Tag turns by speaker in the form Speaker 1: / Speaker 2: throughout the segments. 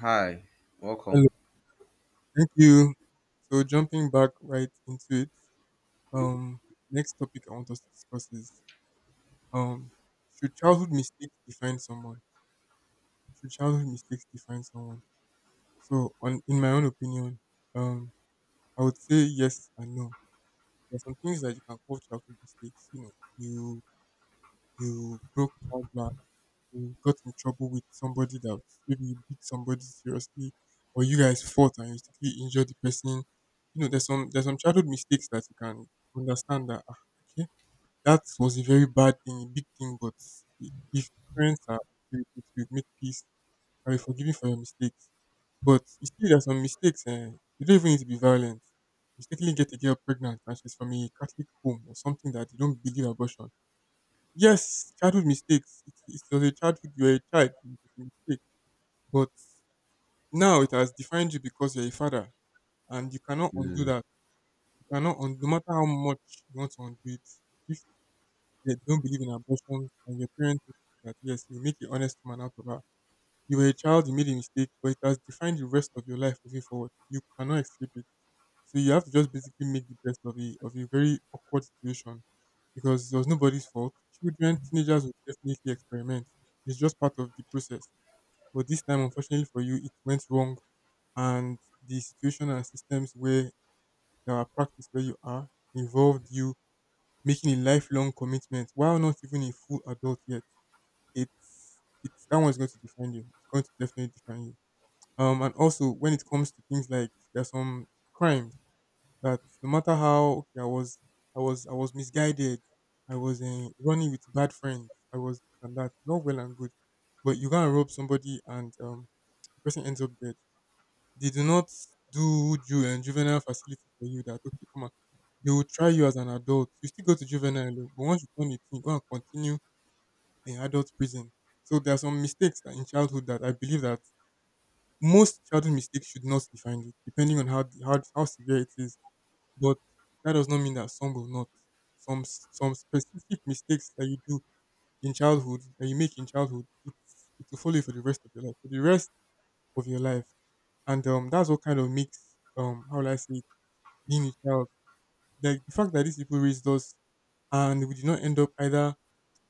Speaker 1: Hi,
Speaker 2: Hello,
Speaker 1: welcome.
Speaker 2: thank you. So jumping back right into it, um, next topic I want us to discuss is um, should childhood mistakes define someone? Should childhood mistakes define someone? So on in my own opinion, um, I would say yes and no. There are some things that you can call childhood mistakes. You you broke card, you got in trouble with somebody that maybe you beat somebody seriously, or you guys fought and you secretly injured the person. There's some childhood mistakes that you can understand that okay, that was a very bad thing, a big thing, but if parents are okay with it, we make peace and be forgiving for your mistakes. But you see there's some mistakes and you don't even need to be violent. Mistakenly get a girl pregnant and she's from a Catholic home or something that they don't believe abortion. Yes, childhood mistakes. It was a childhood, you were a child, and it was a mistake. But now it has defined you because you're a father, and you cannot undo
Speaker 1: Mm.
Speaker 2: that. You cannot, no matter how much you want to undo it, if they don't believe in abortion and your parents do that, yes, you make an honest man out of her. You were a child, you made a mistake, but it has defined the rest of your life moving forward. You cannot escape it. So you have to just basically make the best of a very awkward situation because it was nobody's fault. Children, teenagers will definitely experiment. It's just part of the process. But this time, unfortunately for you, it went wrong, and the situation and systems where there are practice where you are involved you making a lifelong commitment while not even a full adult yet. It's that one's going to define you. It's going to definitely define you. And also when it comes to things like there are some crimes that no matter how okay, I was misguided, I was running with bad friends, I was this and that. It's all well and good, but you can rob somebody and the person ends up dead. They do not do you and juvenile facility for you. That okay, come on. They will try you as an adult. You still go to juvenile, oh, but once you turn 18, you go and continue in adult prison. So there are some mistakes that in childhood that I believe that most childhood mistakes should not define you, depending on how severe it is. But that does not mean that some will not. Some specific mistakes that you do in childhood, that you make in childhood, it will follow you for the rest of your life, for the rest of your life. And that's what kind of makes how will I say, it, being a child. Like the fact that these people raised us and we did not end up either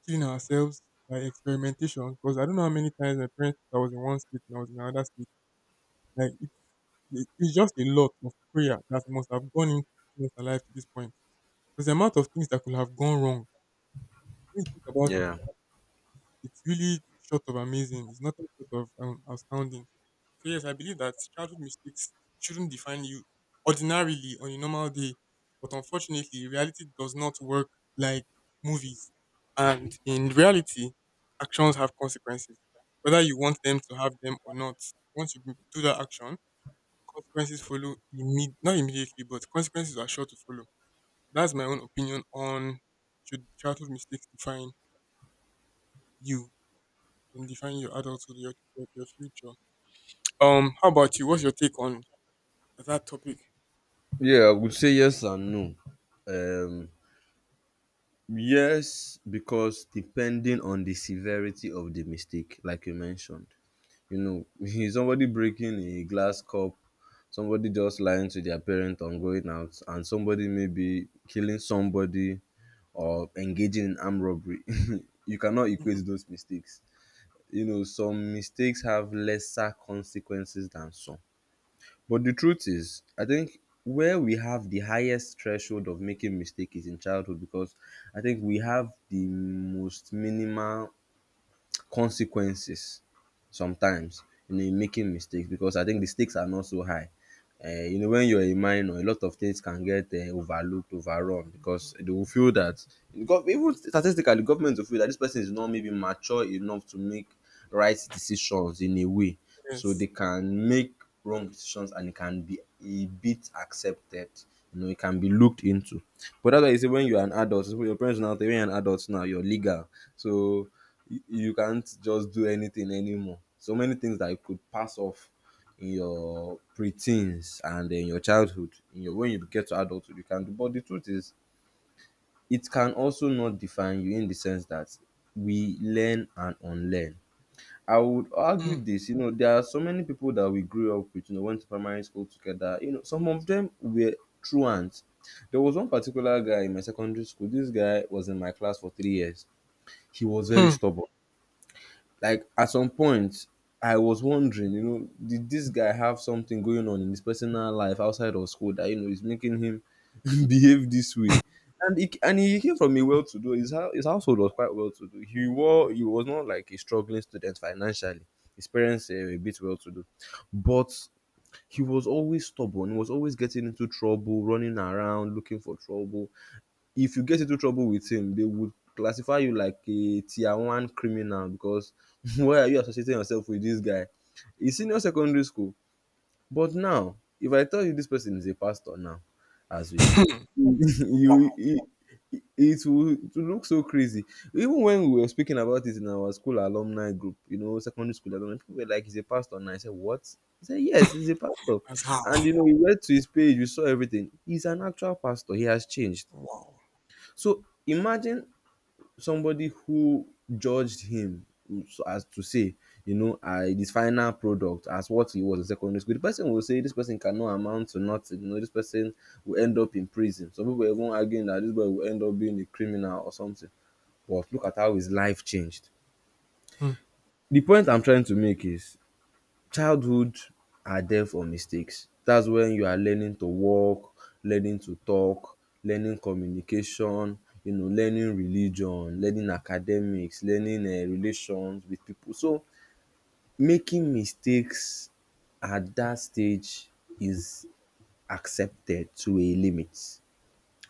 Speaker 2: killing ourselves by experimentation. Because I don't know how many times my parents thought I was in one state and I was in another state. Like it's just a lot of prayer that must have gone into to alive to this point. Because the amount of things that could have gone wrong, when you think about it,
Speaker 1: Yeah.
Speaker 2: it's really short of amazing. It's nothing short of outstanding. So yes, I believe that childhood mistakes shouldn't define you ordinarily on a normal day. But unfortunately, reality does not work like movies. And in reality, actions have consequences, whether you want them to have them or not. Once you do that action, consequences follow not immediately, but consequences are sure to follow. That's my own opinion on should childhood mistakes define you and define your adulthood, your future. How about you? What's your take on that topic?
Speaker 1: Yeah, I would say yes and no. Um, yes, because depending on the severity of the mistake, like you mentioned, you know, if somebody breaking a glass cup, somebody just lying to their parent on going out, and somebody maybe killing somebody or engaging in armed robbery, you cannot equate those mistakes. You know, some mistakes have lesser consequences than some. But the truth is, I think where we have the highest threshold of making mistake is in childhood because I think we have the most minimal consequences sometimes, you know, in making mistakes because I think the stakes are not so high. You know, when you're a minor, a lot of things can get overlooked, overrun because they will feel that, gov- even statistically, government will feel that this person is not maybe mature enough to make right decisions in a way, so
Speaker 2: Yes.
Speaker 1: they can make wrong decisions and it can be a bit accepted, you know, it can be looked into. But that's why you say when you're an adult, so your parents now tell you when you're an adult now you're legal, so you can't just do anything anymore. So many things that you could pass off in your preteens and in your childhood, in your when you get to adulthood you can do. But the truth is it can also not define you, in the sense that we learn and unlearn. I would
Speaker 2: Hmm.
Speaker 1: argue this, you know, there are so many people that we grew up with, you know, went to primary school together. You know, some of them were truants. There was one particular guy in my secondary school. This guy was in my class for 3 years. He was very
Speaker 2: Hmm.
Speaker 1: stubborn, like at some point I was wondering, you know, did this guy have something going on in his personal life outside of school that, you know, is making him behave this way. And he came from a well-to-do, his, hou- his household was quite well-to-do, he wore he was not like a struggling student financially, his parents were a bit well-to-do. But he was always stubborn, he was always getting into trouble, running around looking for trouble. If you get into trouble with him, they would classify you like a tier one criminal because why are you associating yourself with this guy? He's senior secondary school. But now, if I tell you this person is a pastor now, as we speak, you
Speaker 2: Wow.
Speaker 1: it, it, it will look so crazy. Even when we were speaking about it in our school alumni group, you know, secondary school alumni, people were like, he's a pastor. And I said, what? He said, yes, he's a pastor.
Speaker 2: That's
Speaker 1: And,
Speaker 2: how.
Speaker 1: you know, we went to his page, we saw everything. He's an actual pastor. He has changed.
Speaker 2: Wow.
Speaker 1: So imagine somebody who judged him so as to say, you know, this final product as what he was in secondary school. The person will say this person cannot amount to nothing. You know, this person will end up in prison. Some people were even arguing that this boy will end up being a criminal or something. But look at how his life changed.
Speaker 2: Hmm.
Speaker 1: The point I'm trying to make is, childhood are there for mistakes. That's when you are learning to walk, learning to talk, learning communication, you know, learning religion, learning academics, learning relations with pipu. So making mistakes at that stage is accepted to a limit.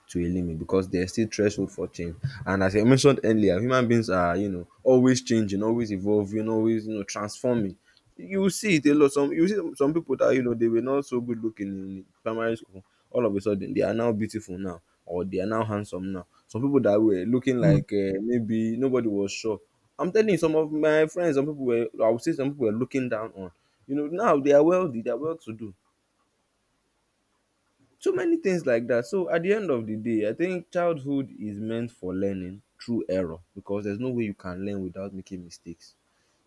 Speaker 1: To a limit because there's still threshold for change. And as I mentioned earlier, human beings are, you know, always changing, always evolving, always, you know, transforming. You will see it a lot. Some you see some people that you know they were not so good looking in primary school. All of a sudden, they are now beautiful now, or they are now handsome now. Some people that were looking
Speaker 2: Hmm.
Speaker 1: like maybe nobody was sure. I'm telling you, some of my friends, some people were, I would say, some people were looking down on. You know, now they are wealthy, they are well to do. So many things like that. So at the end of the day, I think childhood is meant for learning through error because there's no way you can learn without making mistakes.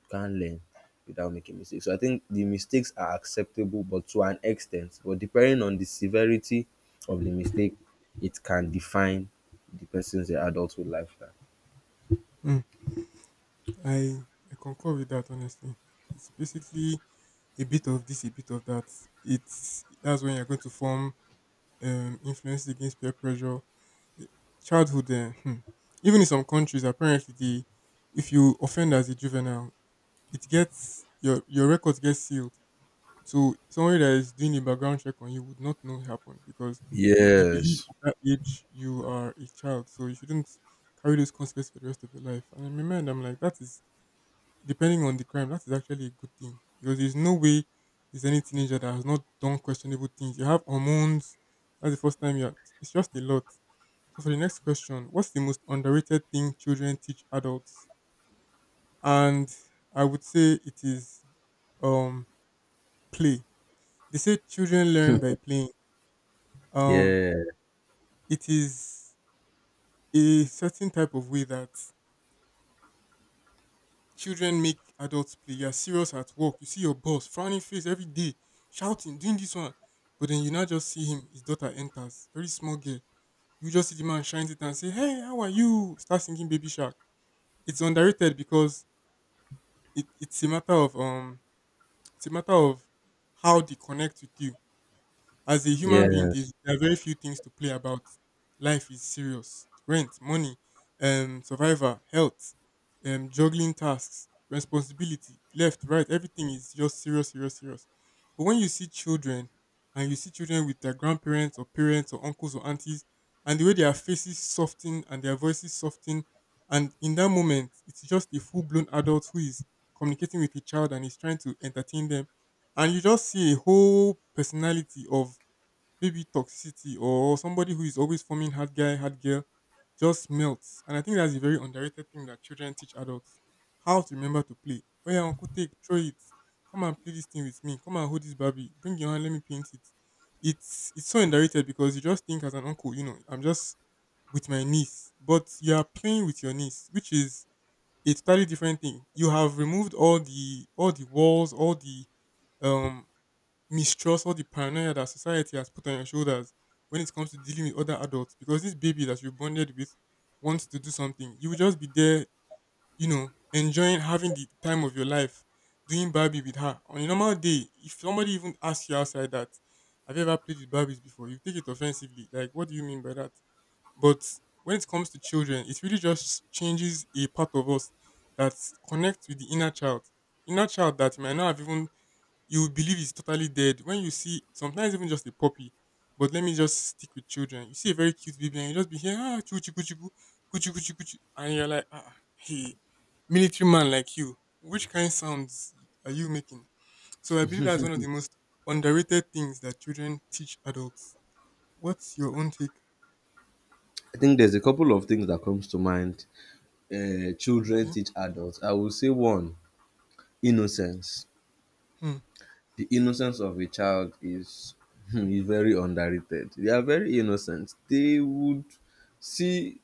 Speaker 1: You can't learn without making mistakes. So I think the mistakes are acceptable but to an extent, but depending on the severity of the mistake, it can define the person's adulthood lifestyle.
Speaker 2: Hmm. I I concur with that honestly. It's basically a bit of this, a bit of that. It's that's when you're going to form influence against peer pressure. eh, Childhood, Even in some countries, apparently, the if you offend as a juvenile, it gets your records get sealed. So somebody that is doing a background check on you would not know it happened because they believe
Speaker 1: Yes.
Speaker 2: at that age you are a child, so you shouldn't carry those consequences for the rest of your life. And in my mind, I'm like, that is depending on the crime, that is actually a good thing because there's no way there's any teenager that has not done questionable things. You have hormones. That's the first time you're. It's just a lot. So for the next question, what's the most underrated thing children teach adults? And I would say it is um play. They say children learn by playing. Um,
Speaker 1: Yeah.
Speaker 2: it is a certain type of way that children make adults play. You're serious at work. You see your boss frowning face every day, shouting, doing this one. But then you now just see him, his daughter enters, very small girl. You just see the man shines it and say, hey, how are you? Start singing Baby Shark. It's underrated because it, it's a matter of um it's a matter of how they connect with you. As a human being,
Speaker 1: Yes.
Speaker 2: there's, there are very few things to play about. Life is serious. Rent, money, survivor, health, juggling tasks, responsibility, left, right, everything is just serious, serious, serious. But when you see children and you see children with their grandparents or parents or uncles or aunties, and the way their faces soften and their voices soften, and in that moment, it's just a full blown adult who is communicating with a child and is trying to entertain them. And you just see a whole personality of maybe toxicity or somebody who is always forming hard guy, hard girl just melts. And I think that's a very underrated thing that children teach adults how to remember to play. Oh, yeah, Uncle, take, throw it. Come and play this thing with me. Come and hold this Barbie. Bring your hand, let me paint it. It's so underrated because you just think as an uncle, I'm just with my niece, but you are playing with your niece, which is a totally different thing. You have removed all the walls, all the um mistrust, all the paranoia that society has put on your shoulders when it comes to dealing with other adults because this baby that you bonded with wants to do something. You will just be there, enjoying having the time of your life doing Barbie with her. On a normal day, if somebody even asks you outside that, have you ever played with Barbies before? You take it offensively. Like, what do you mean by that? But when it comes to children, it really just changes a part of us that connects with the inner child. Inner child that you might not have even you will believe it's totally dead. When you see sometimes even just a puppy, but let me just stick with children. You see a very cute baby and you just be here, choo choo choo choo choo choo choo, and you're like, hey, military man like you, which kind sounds are you making? So I believe that's one of the most underrated things that children teach adults. What's your own take?
Speaker 1: I think there's a couple of things that comes to mind. Children
Speaker 2: Okay.
Speaker 1: teach adults. I will say one, innocence.
Speaker 2: Hmm.
Speaker 1: The innocence of a child is is very underrated. They are very innocent. They would see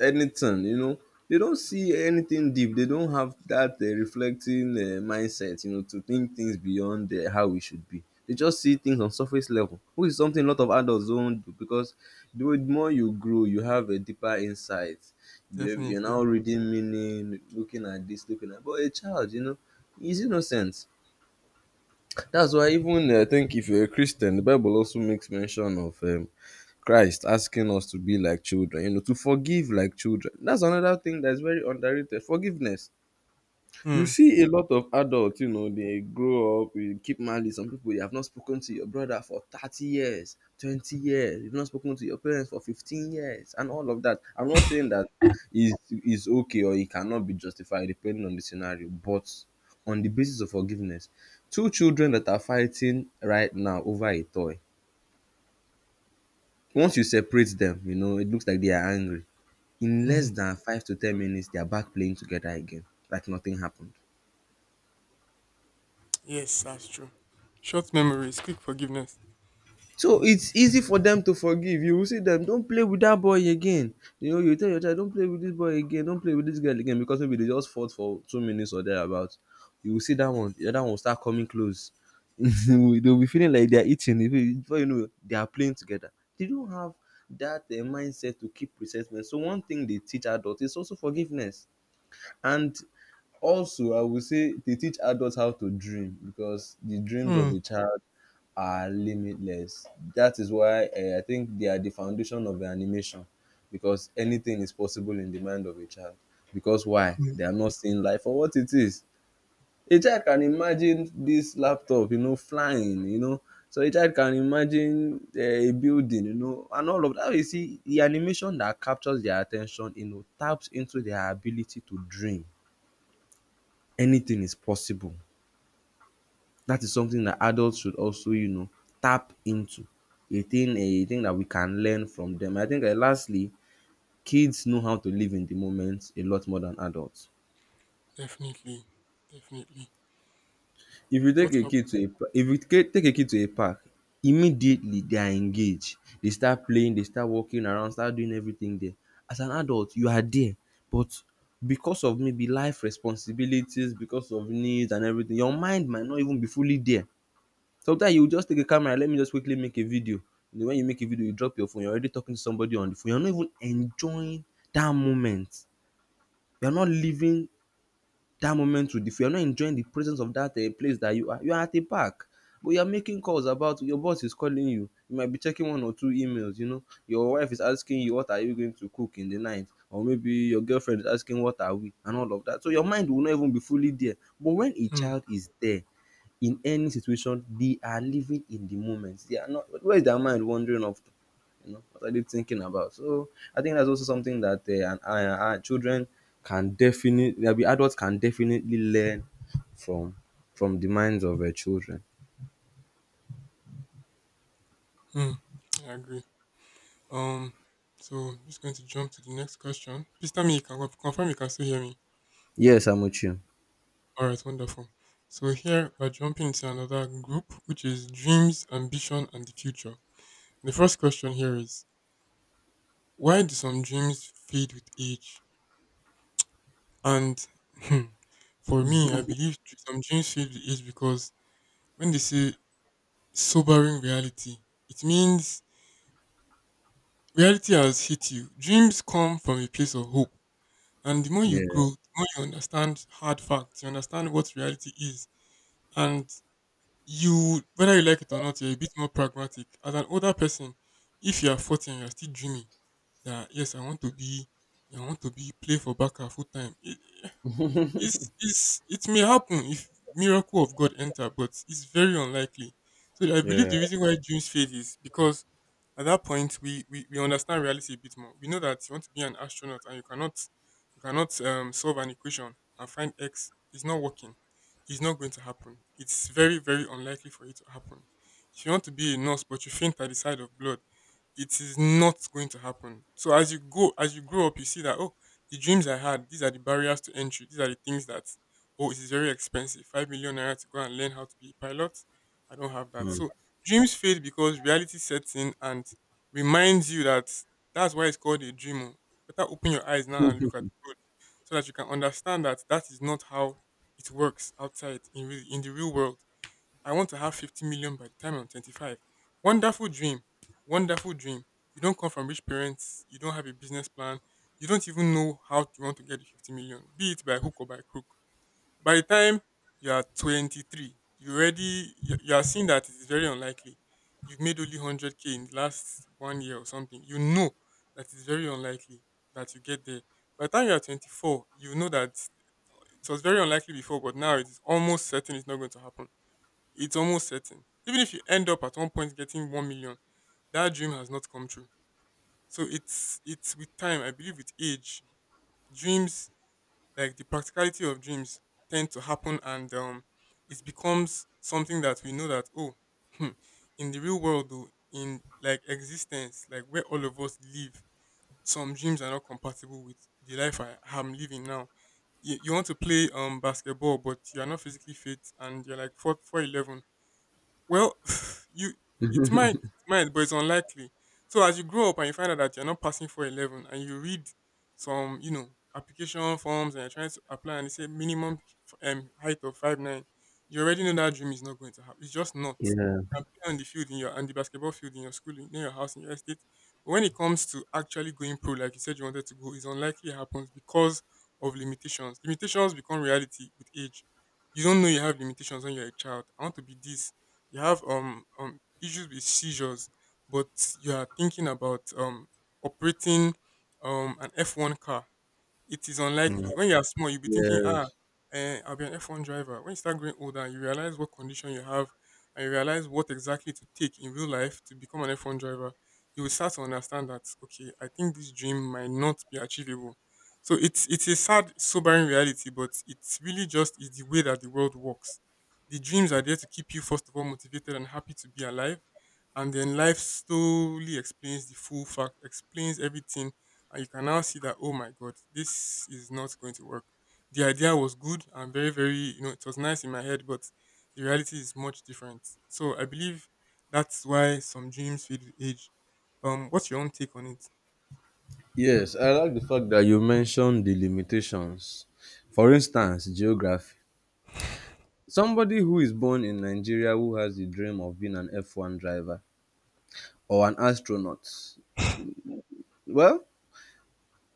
Speaker 1: anything, you know. They don't see anything deep. They don't have that reflecting mindset, you know, to think things beyond how it should be. They just see things on surface level, which is something a lot of adults don't do because the more you grow, you have a deeper insight. You're now
Speaker 2: Definitely.
Speaker 1: reading meaning, looking at this, looking at. But a child, you know, is innocent. That's why even I think if you're a Christian, the Bible also makes mention of Christ asking us to be like children, you know, to forgive like children. That's another thing that's very underrated. Forgiveness. You
Speaker 2: Hmm.
Speaker 1: see a lot of adults, you know, they grow up, you keep malice. Some people you have not spoken to your brother for 30 years, 20 years, you've not spoken to your parents for 15 years, and all of that. I'm not saying that is okay or it cannot be justified depending on the scenario, but on the basis of forgiveness, two children that are fighting right now over a toy, once you separate them, you know, it looks like they are angry. In
Speaker 2: Hmm.
Speaker 1: less than 5 to 10 minutes, they are back playing together again, like nothing happened.
Speaker 2: Yes, that's true. Short memories, quick forgiveness.
Speaker 1: So it's easy for them to forgive. You will see them, don't play with that boy again. You know, you tell your child, don't play with this boy again, don't play with this girl again, because maybe they just fought for 2 minutes or thereabouts. You will see that one, the other one will start coming close. They'll be feeling like they're eating. Even before you know, it, they are playing together. They don't have that mindset to keep resentment. So one thing they teach adults is also forgiveness. And also, I would say they teach adults how to dream because the dreams of
Speaker 2: Hmm.
Speaker 1: a child are limitless. That is why I think they are the foundation of the animation because anything is possible in the mind of a child. Because why?
Speaker 2: Hmm.
Speaker 1: They are not seeing life for what it is. A child can imagine this laptop, you know, flying, you know. So a child can imagine a building, you know, and all of that. You see, the animation that captures their attention, you know, taps into their ability to dream. Anything is possible. That is something that adults should also, you know, tap into. A thing, that we can learn from them. I think lastly, kids know how to live in the moment a lot more than adults.
Speaker 2: Definitely, definitely.
Speaker 1: if you take
Speaker 2: What
Speaker 1: a kid to a pa- if you ca- take a kid to a park, immediately they are engaged, they start playing, they start walking around, start doing everything there. As an adult, you are there, but because of maybe life responsibilities, because of needs and everything, your mind might not even be fully there. Sometimes you go just take a camera, let me just quickly make a video. And when you make a video, you drop your phone, you're already talking to somebody on the phone, you're not even enjoying that moment, you're not living that moment with the phone. You're not enjoying the presence of that place that you are at a park, but you're making calls about your boss is calling you, you might be checking one or two emails, you know, your wife is asking you what are you going to cook in the night, or maybe your girlfriend is asking what are we, and all of that. So your mind will not even be fully there. But when a
Speaker 2: happened?
Speaker 1: child is there, in any situation, they are living in the moment, they are not, where is their mind wandering off to, you know, what are they thinking about. So I think that's also something that children can definitely, I mean, adults can definitely learn from from the minds of children.
Speaker 2: Mm, I agree. Um, so I'm just going to jump to the next question. Please tell me you can confirm you can still hear me.
Speaker 1: Yes, I'm with you.
Speaker 2: All right, wonderful. So here we're jumping to another group, which is dreams, ambition, and the future. The first question here is why do some dreams fade with age? And hmm, for me, I believe some dreams fade with age because when they say sobering reality, it means reality has hit you. Dreams come from a place of hope. And the more you grow,
Speaker 1: Yeah.
Speaker 2: the more you understand hard facts, you understand what reality is. And you, whether you like it or not, you're a bit more pragmatic. As an older person, if you are 40 and you're still dreaming that, yes, I want to be, I want to be, play for Baka full time, it may happen if miracle of God enter, but it's very unlikely. So I believe
Speaker 1: Yeah.
Speaker 2: the reason why dreams fade is because at that point we understand reality a bit more. We know that you want to be an astronaut and you cannot solve an equation and find X. It's not working. It's not going to happen. It's very very unlikely for it to happen. If you want to be a nurse but you faint at the side of blood, it is not going to happen. So as you grow up, you see that, oh, the dreams I had, these are the barriers to entry. These are the things that, oh, it is very expensive. 5 million naira to go and learn how to be a pilot. I don't have that.
Speaker 1: Mm,
Speaker 2: So dreams fade because reality sets in and reminds you that's why it's called a dreamer. Better open your eyes now and look at the road so that you can understand that that is not how it works outside in, in the real world. I want to have 50 million by the time I'm 25. Wonderful dream. Wonderful dream. You don't come from rich parents. You don't have a business plan. You don't even know how you want to get the 50 million, be it by hook or by crook. By the time you are 23, you already, you are seeing that it is very unlikely. You've made only 100K in the last one year or something. You know that it's very unlikely that you get there. By the time you are 24, you know that it was very unlikely before, but now it is almost certain. It's not going to happen. It's almost certain. Even if you end up at one point getting 1 million, that dream has not come true. So it's with time. I believe with age, dreams, like the practicality of dreams, tend to happen, and it becomes something that we know that, oh, hmm, in the real world, though, in like existence, like where all of us live, some dreams are not compatible with the life I am living now. You want to play basketball, but you're not physically fit and you're like four four eleven. Well, you it might, but it's unlikely. So as you grow up and you find out that you're not passing for 11, and you read some application forms, and you're trying to apply, and they say minimum height of 5'9", you already know that dream is not going to happen. It's just not.
Speaker 1: yeah.
Speaker 2: You can play on the field in your and the basketball field in your school, in your house, in your estate. But when it comes to actually going pro, like you said you wanted to go, it's unlikely it happens because of limitations. Limitations become reality with age. You don't know you have limitations when you're a child. I want to be this. You have issues with seizures, but you are thinking about operating an F1 car. It is
Speaker 1: Mm,
Speaker 2: unlikely. When you are small, you'll be thinking,
Speaker 1: yes.
Speaker 2: I'll be an F1 driver. When you start growing older and you realize what condition you have and you realize what exactly to take in real life to become an F1 driver, you will start to understand that, okay, I think this dream might not be achievable. So it's a sad, sobering reality, but it's really just is the way that the world works. The dreams are there to keep you, first of all, motivated and happy to be alive. And then life slowly explains the full fact, explains everything, and you can now see that, oh my god, this is not going to work. The idea was good and very very, it was nice in my head, but the reality is much different. So I believe that's why some dreams fade with age. What's your own take on it?
Speaker 1: Yes, I like the fact that you mentioned the limitations. For instance, geography. Somebody who is born in Nigeria who has the dream of being an F1 driver or an astronaut, well,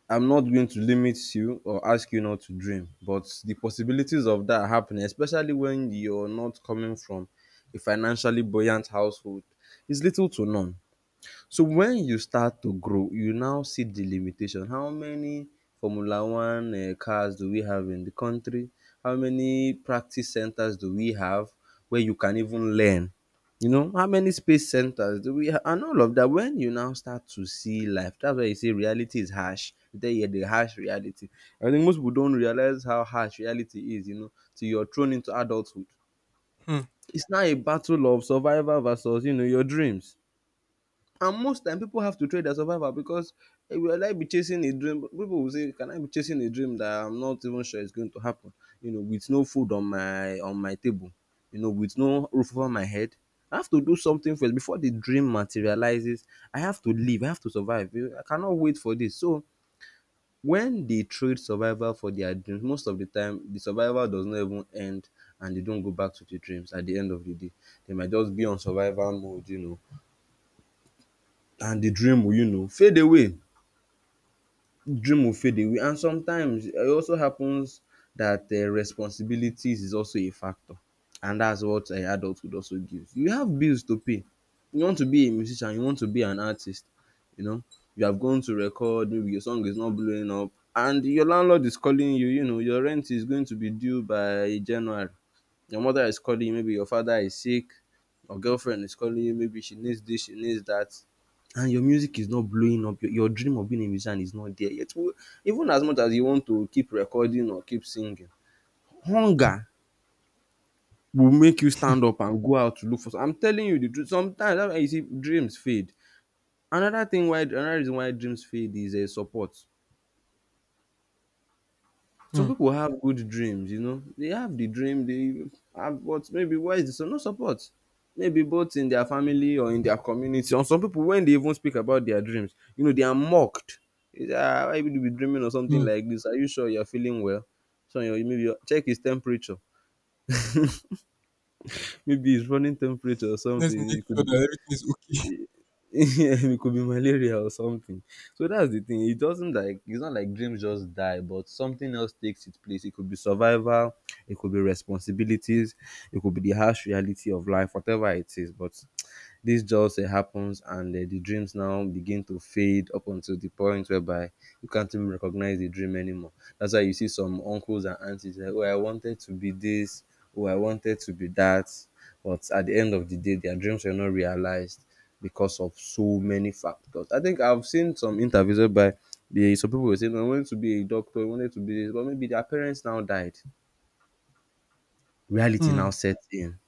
Speaker 1: I'm not going to limit you or ask you not to dream, but the possibilities of that happening, especially when you're not coming from a financially buoyant household, is little to none. So when you start to grow, you now see the limitation. How many Formula One cars do we have in the country? How many practice centers do we have where you can even learn? You know, how many space centers do we have? And all of that, when you now start to see life, that's why you say reality is harsh. Then you the harsh reality. I think most people don't realize how harsh reality is, you know, till you're thrown into adulthood.
Speaker 2: Hmm.
Speaker 1: It's now a battle of survival versus, you know, your dreams, and most time people have to trade their survival because will I be chasing a dream? People will say, "Can I be chasing a dream that I'm not even sure is going to happen? You know, with no food on my table, you know, with no roof over my head. I have to do something first before the dream materializes. I have to live. I have to survive. I cannot wait for this." So when they trade survival for their dreams, most of the time the survival does not even end, and they don't go back to the dreams at the end of the day. They might just be on survival mode, you know, and the dream will, you know, fade away. Dream will fade away. And sometimes it also happens that responsibilities is also a factor. And that's what adulthood also gives. You have bills to pay. You want to be a musician, you want to be an artist, you know. You have gone to record, maybe your song is not blowing up, and your landlord is calling you, you know, your rent is going to be due by January. Your mother is calling you, maybe your father is sick, your girlfriend is calling you, maybe she needs this, she needs that, and your music is not blowing up. Your dream of being a musician is not there yet. Even as much as you want to keep recording or keep singing, hunger will make you stand up and go out to look for. I'm telling you the truth. Sometimes that's why you see dreams fade. Another reason why dreams fade is a support. Some
Speaker 2: Hmm.
Speaker 1: people have good dreams, you know. They have the dream, they have, but maybe why is so no support? Maybe both in their family or in their community. Or some people, when they even speak about their dreams, you know, they are mocked. It's, ah, why would you be dreaming or something
Speaker 2: Hmm.
Speaker 1: like this? Are you sure you're feeling well? So you maybe your, check his temperature. Maybe his running temperature or
Speaker 2: Let's make
Speaker 1: something. It
Speaker 2: sure
Speaker 1: could
Speaker 2: that
Speaker 1: be.
Speaker 2: everything is okay.
Speaker 1: Yeah, it could be malaria or something. So that's the thing. It doesn't like it's not like dreams just die, but something else takes its place. It could be survival, it could be responsibilities, it could be the harsh reality of life, whatever it is. But this just happens, and the dreams now begin to fade up until the point whereby you can't even recognize the dream anymore. That's why you see some uncles and aunties like, "Oh, I wanted to be this. Oh, I wanted to be that." But at the end of the day, their dreams were not realized because of so many factors. I think I've seen some interviews whereby the some people were saying, "I wanted to be a doctor. I wanted to be this," but maybe their parents now died. Reality now
Speaker 2: Hmm.
Speaker 1: sets in,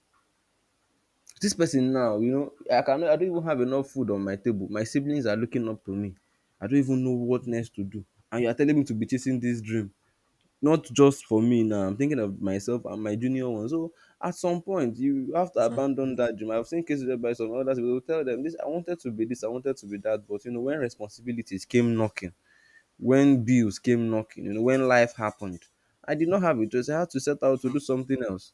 Speaker 1: this person now, you know, I cannot, I don't even have enough food on my table, my siblings are looking up to me, I don't even know what next to do, and you are telling me to be chasing this dream. Not just for me now, I'm thinking of myself and my junior ones. So at some point you have to
Speaker 2: Exactly.
Speaker 1: abandon that dream. I've seen cases whereby some others will tell them this, I wanted to be this, I wanted to be that, but you know, when responsibilities came knocking, when bills came knocking, you know, when life happened, I did not have a choice. I had to set out to
Speaker 2: Hmm.
Speaker 1: do something else.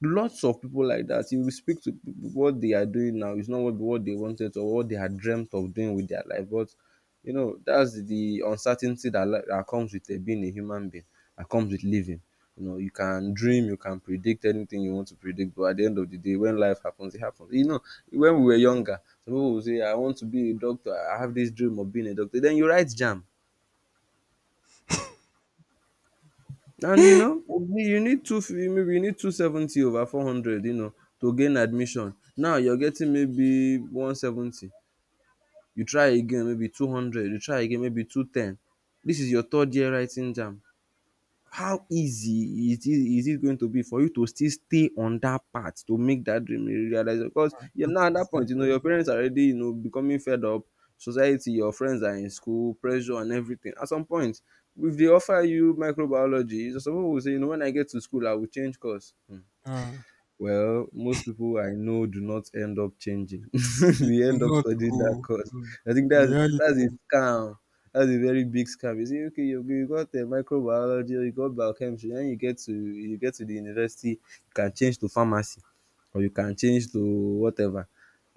Speaker 1: Lots of people like that. You will speak to people, what they are doing now is not what they wanted or what they had dreamt of doing with their life. But you know, that's the uncertainty that, that comes with being a human being, that comes with living. You know, you can dream, you can predict anything you want to predict, but at the end of the day, when life happens it happens, you know. When we were younger, some people would say, I want to be a doctor, I have this dream of being a doctor, then you write jam. And you know, you need two, maybe you need 270 over 400, you know, to gain admission. Now you're getting maybe 170. You try again, maybe 200. You try again, maybe 210. This is your third year writing jam. How easy it is it going to be for you to still stay on that path to make that dream a realize? Because you're
Speaker 2: Not
Speaker 1: now at that
Speaker 2: easy at
Speaker 1: point, you know,
Speaker 2: all.
Speaker 1: your parents are already, you know, becoming fed up, society, your friends are in school, pressure and everything. At some point, if they offer you microbiology, so some people will say, you know, when I get to school I will change course.
Speaker 2: Ah,
Speaker 1: Well, most people I know do not end up changing.
Speaker 2: it's
Speaker 1: They end up
Speaker 2: not
Speaker 1: studying that
Speaker 2: go.
Speaker 1: course.
Speaker 2: Hmm.
Speaker 1: I think
Speaker 2: The
Speaker 1: that's
Speaker 2: reality
Speaker 1: that's a scam. That's a very big scam. You see, okay, you got the microbiology, you got biochemistry, then you get to the university, you can change to pharmacy, or you can change to whatever.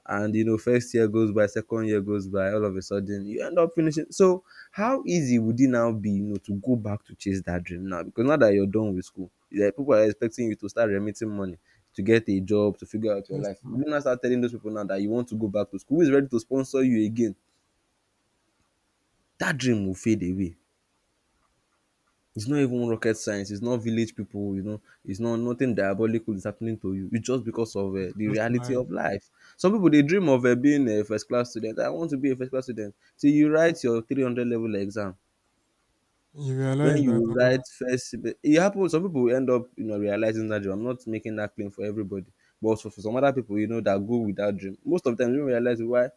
Speaker 1: And you know, first year goes by, second year goes by, all of a sudden you end up finishing. So how easy would it now be, you know, to go back to chase that dream now? Because now that you're done with school, yeah, people are expecting you to start remitting money, to get a job, to figure out your
Speaker 2: is,
Speaker 1: life. You not start telling those people now that you want to go back to school. Who is ready to sponsor you again? That dream will fade away. It's not even rocket science. It's not village people. You know, it's not nothing diabolical is happening to you. It's just because of
Speaker 2: it's
Speaker 1: the
Speaker 2: just
Speaker 1: reality
Speaker 2: like
Speaker 1: of life. Some people they dream of being a first class student. I want to be a first class student. So you write your 300 level exam.
Speaker 2: you
Speaker 1: When
Speaker 2: realize that
Speaker 1: you write first, it happens. Some people end up, you know, realizing that dream. I'm not making that claim for everybody. But also for some other people, you know, that go with that dream, most of them don't realize why.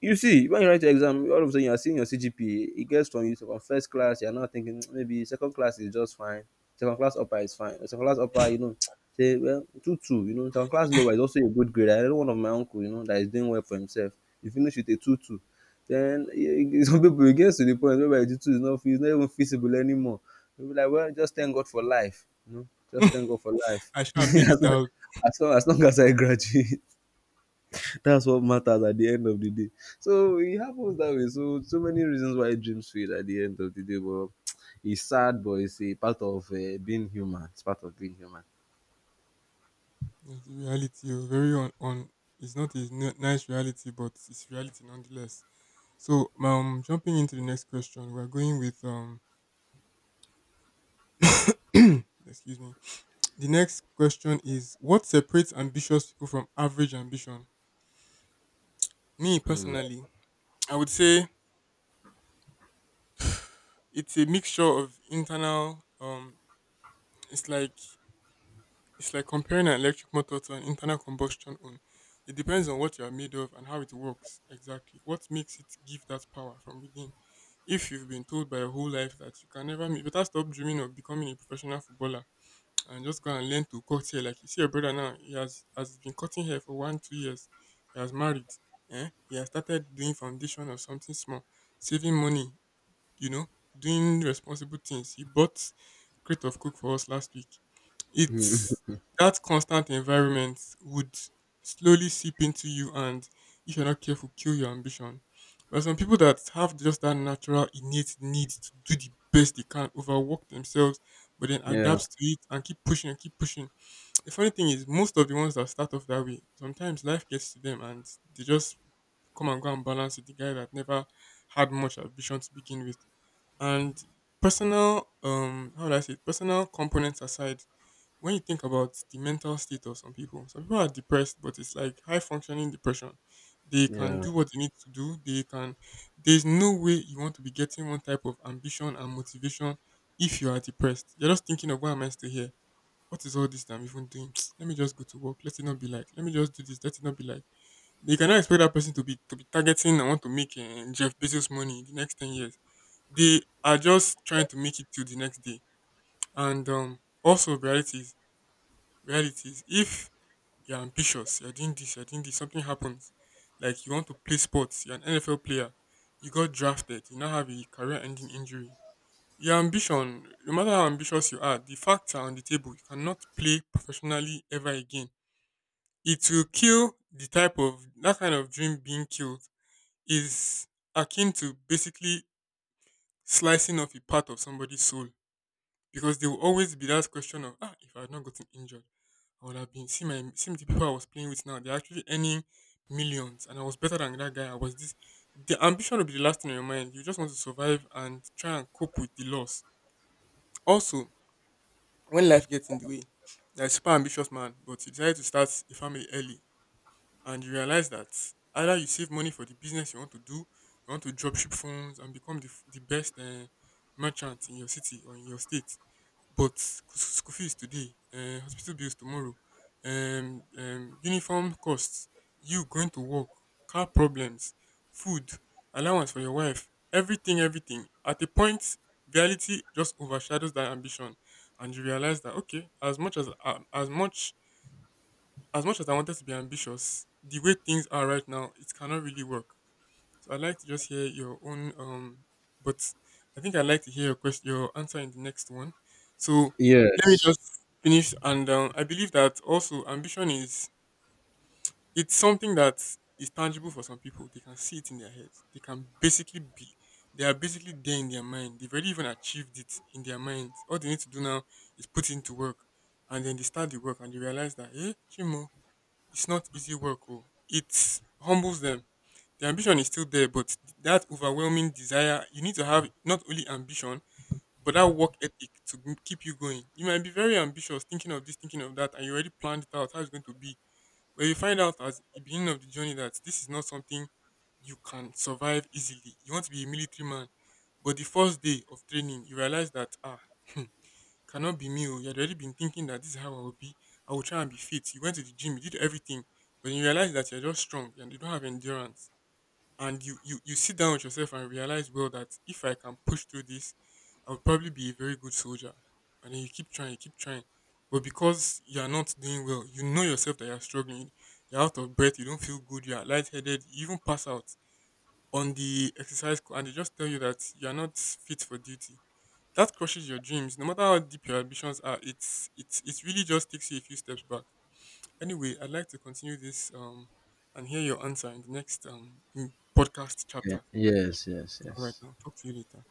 Speaker 1: You see, when you write your exam, all of a sudden you are seeing your CGPA. It gets from you to from first class. You are now thinking, "Mm, maybe second class is just fine. Second class upper is fine. Second class upper, you know, say well two two. You know, second class lower is also a good grade. I know one of my uncle, you know, that is doing well for himself. He finished with a two two." Then eh, some people it gets to the point where two two is not, it's not even feasible anymore. You be like, well, just thank God for life. You know, just thank God for life.
Speaker 2: I shall made it out.
Speaker 1: Long as I graduate. That's what matters at the end of the day. So it happens that way. So so many reasons why dreams fade at the end of the day. But it's sad, but it's a part of being human. It's part of being human.
Speaker 2: It's the reality, oh, very on, on. It's not a nice reality, but it's reality nonetheless. So, jumping into the next question, we're going with excuse me. The next question is, what separates ambitious people from average ambition? Me personally, I would say it's a mixture of internal. It's like comparing an electric motor to an internal combustion oven. It depends on what you are made of and how it works exactly. What makes it give that power from within? If you've been told by your whole life that you can never make better, stop dreaming of becoming a professional footballer and just go and learn to cut hair like you see your brother. Now he has been cutting hair for one two years, he has married, he has started doing foundation or something small, saving money, you know, doing responsible things. He bought crate of cook for us last week. It's that constant environment would slowly seep into you and, if you're not careful, kill your ambition. There are some people that have just that natural innate need to do the best they can, overwork themselves, but then
Speaker 1: Yeah.
Speaker 2: adapt to it and keep pushing and keep pushing. The funny thing is, most of the ones that start off that way, sometimes life gets to them and they just come and go and balance with the guy that never had much ambition to begin with. And personal, how do I say it? Personal components aside, when you think about the mental state of some people are depressed, but it's like high functioning depression. They can
Speaker 1: Yeah.
Speaker 2: do what they need to do. They can. There's no way you want to be getting one type of ambition and motivation if you are depressed. You're just thinking of, why am I still here? What is all this that I'm even doing? Let me just go to work. Let it not be like. Let me just do this. Let it not be like. You cannot expect that person to be targeting and want to make Jeff Bezos money in the next 10 years. They are just trying to make it till the next day. And also realities, realities. If you're ambitious, you're doing this, something happens. Like, you want to play sports, you're an NFL player, you got drafted, you now have a career-ending injury. Your ambition, no matter how ambitious you are, the facts are on the table. You cannot play professionally ever again. It will kill the type of that kind of dream being killed is akin to basically slicing off a part of somebody's soul, because there will always be that question of, if I had not gotten injured, I would have been see my see the people I was playing with now, they're actually earning millions and I was better than that guy, I was this. The ambition will be the last thing on your mind. You just want to survive and try and cope with the loss. Also, when life gets in the way, you're a super ambitious man but you decide to start a family early, and you realize that either you save money for the business you want to do, you want to dropship phones and become the, the best merchant in your city or in your state, but school fees today, hospital bills tomorrow, uniform costs, you going to work, car problems, food, allowance for your wife, everything, everything. At a point, reality just overshadows that ambition, and you realize that, okay, as much as much as I wanted to be ambitious, the way things are right now, it cannot really work. So I'd like to just hear your own but I think I'd like to hear your question your answer in the next one. So let me
Speaker 1: Yes.
Speaker 2: just finish, and I believe that also ambition is, it's something that is tangible for some people. They can see it in their heads. They can basically be, they are basically there in their mind. They've already even achieved it in their mind. All they need to do now is put into work, and then they start the work and they realize that, hey, Chimo, it's not easy work. Oh. It humbles them. The ambition is still there, but that overwhelming desire, you need to have not only ambition, but that work ethic to keep you going. You might be very ambitious, thinking of this, thinking of that, and you already planned it out how it's going to be. But you find out at the beginning of the journey that this is not something you can survive easily. You want to be a military man, but the first day of training, you realize that, cannot be me. Oh. You had already been thinking that this is how I will be. I will try and be fit. You went to the gym, you did everything, but you realize that you're just strong and you don't have endurance. And you sit down with yourself and realize, well, that if I can push through this, I will probably be a very good soldier. And then you keep trying, you keep trying. But because you are not doing well, you know yourself that you're struggling. You're out of breath, you don't feel good, you are lightheaded, you even pass out on the exercise. And they just tell you that you're not fit for duty. That crushes your dreams. No matter how deep your ambitions are, it really just takes you a few steps back. Anyway, I'd like to continue this and hear your answer in the next podcast
Speaker 1: Yeah.
Speaker 2: chapter.
Speaker 1: Yes. Yes.
Speaker 2: All right,
Speaker 1: Yes.
Speaker 2: now talk to you later.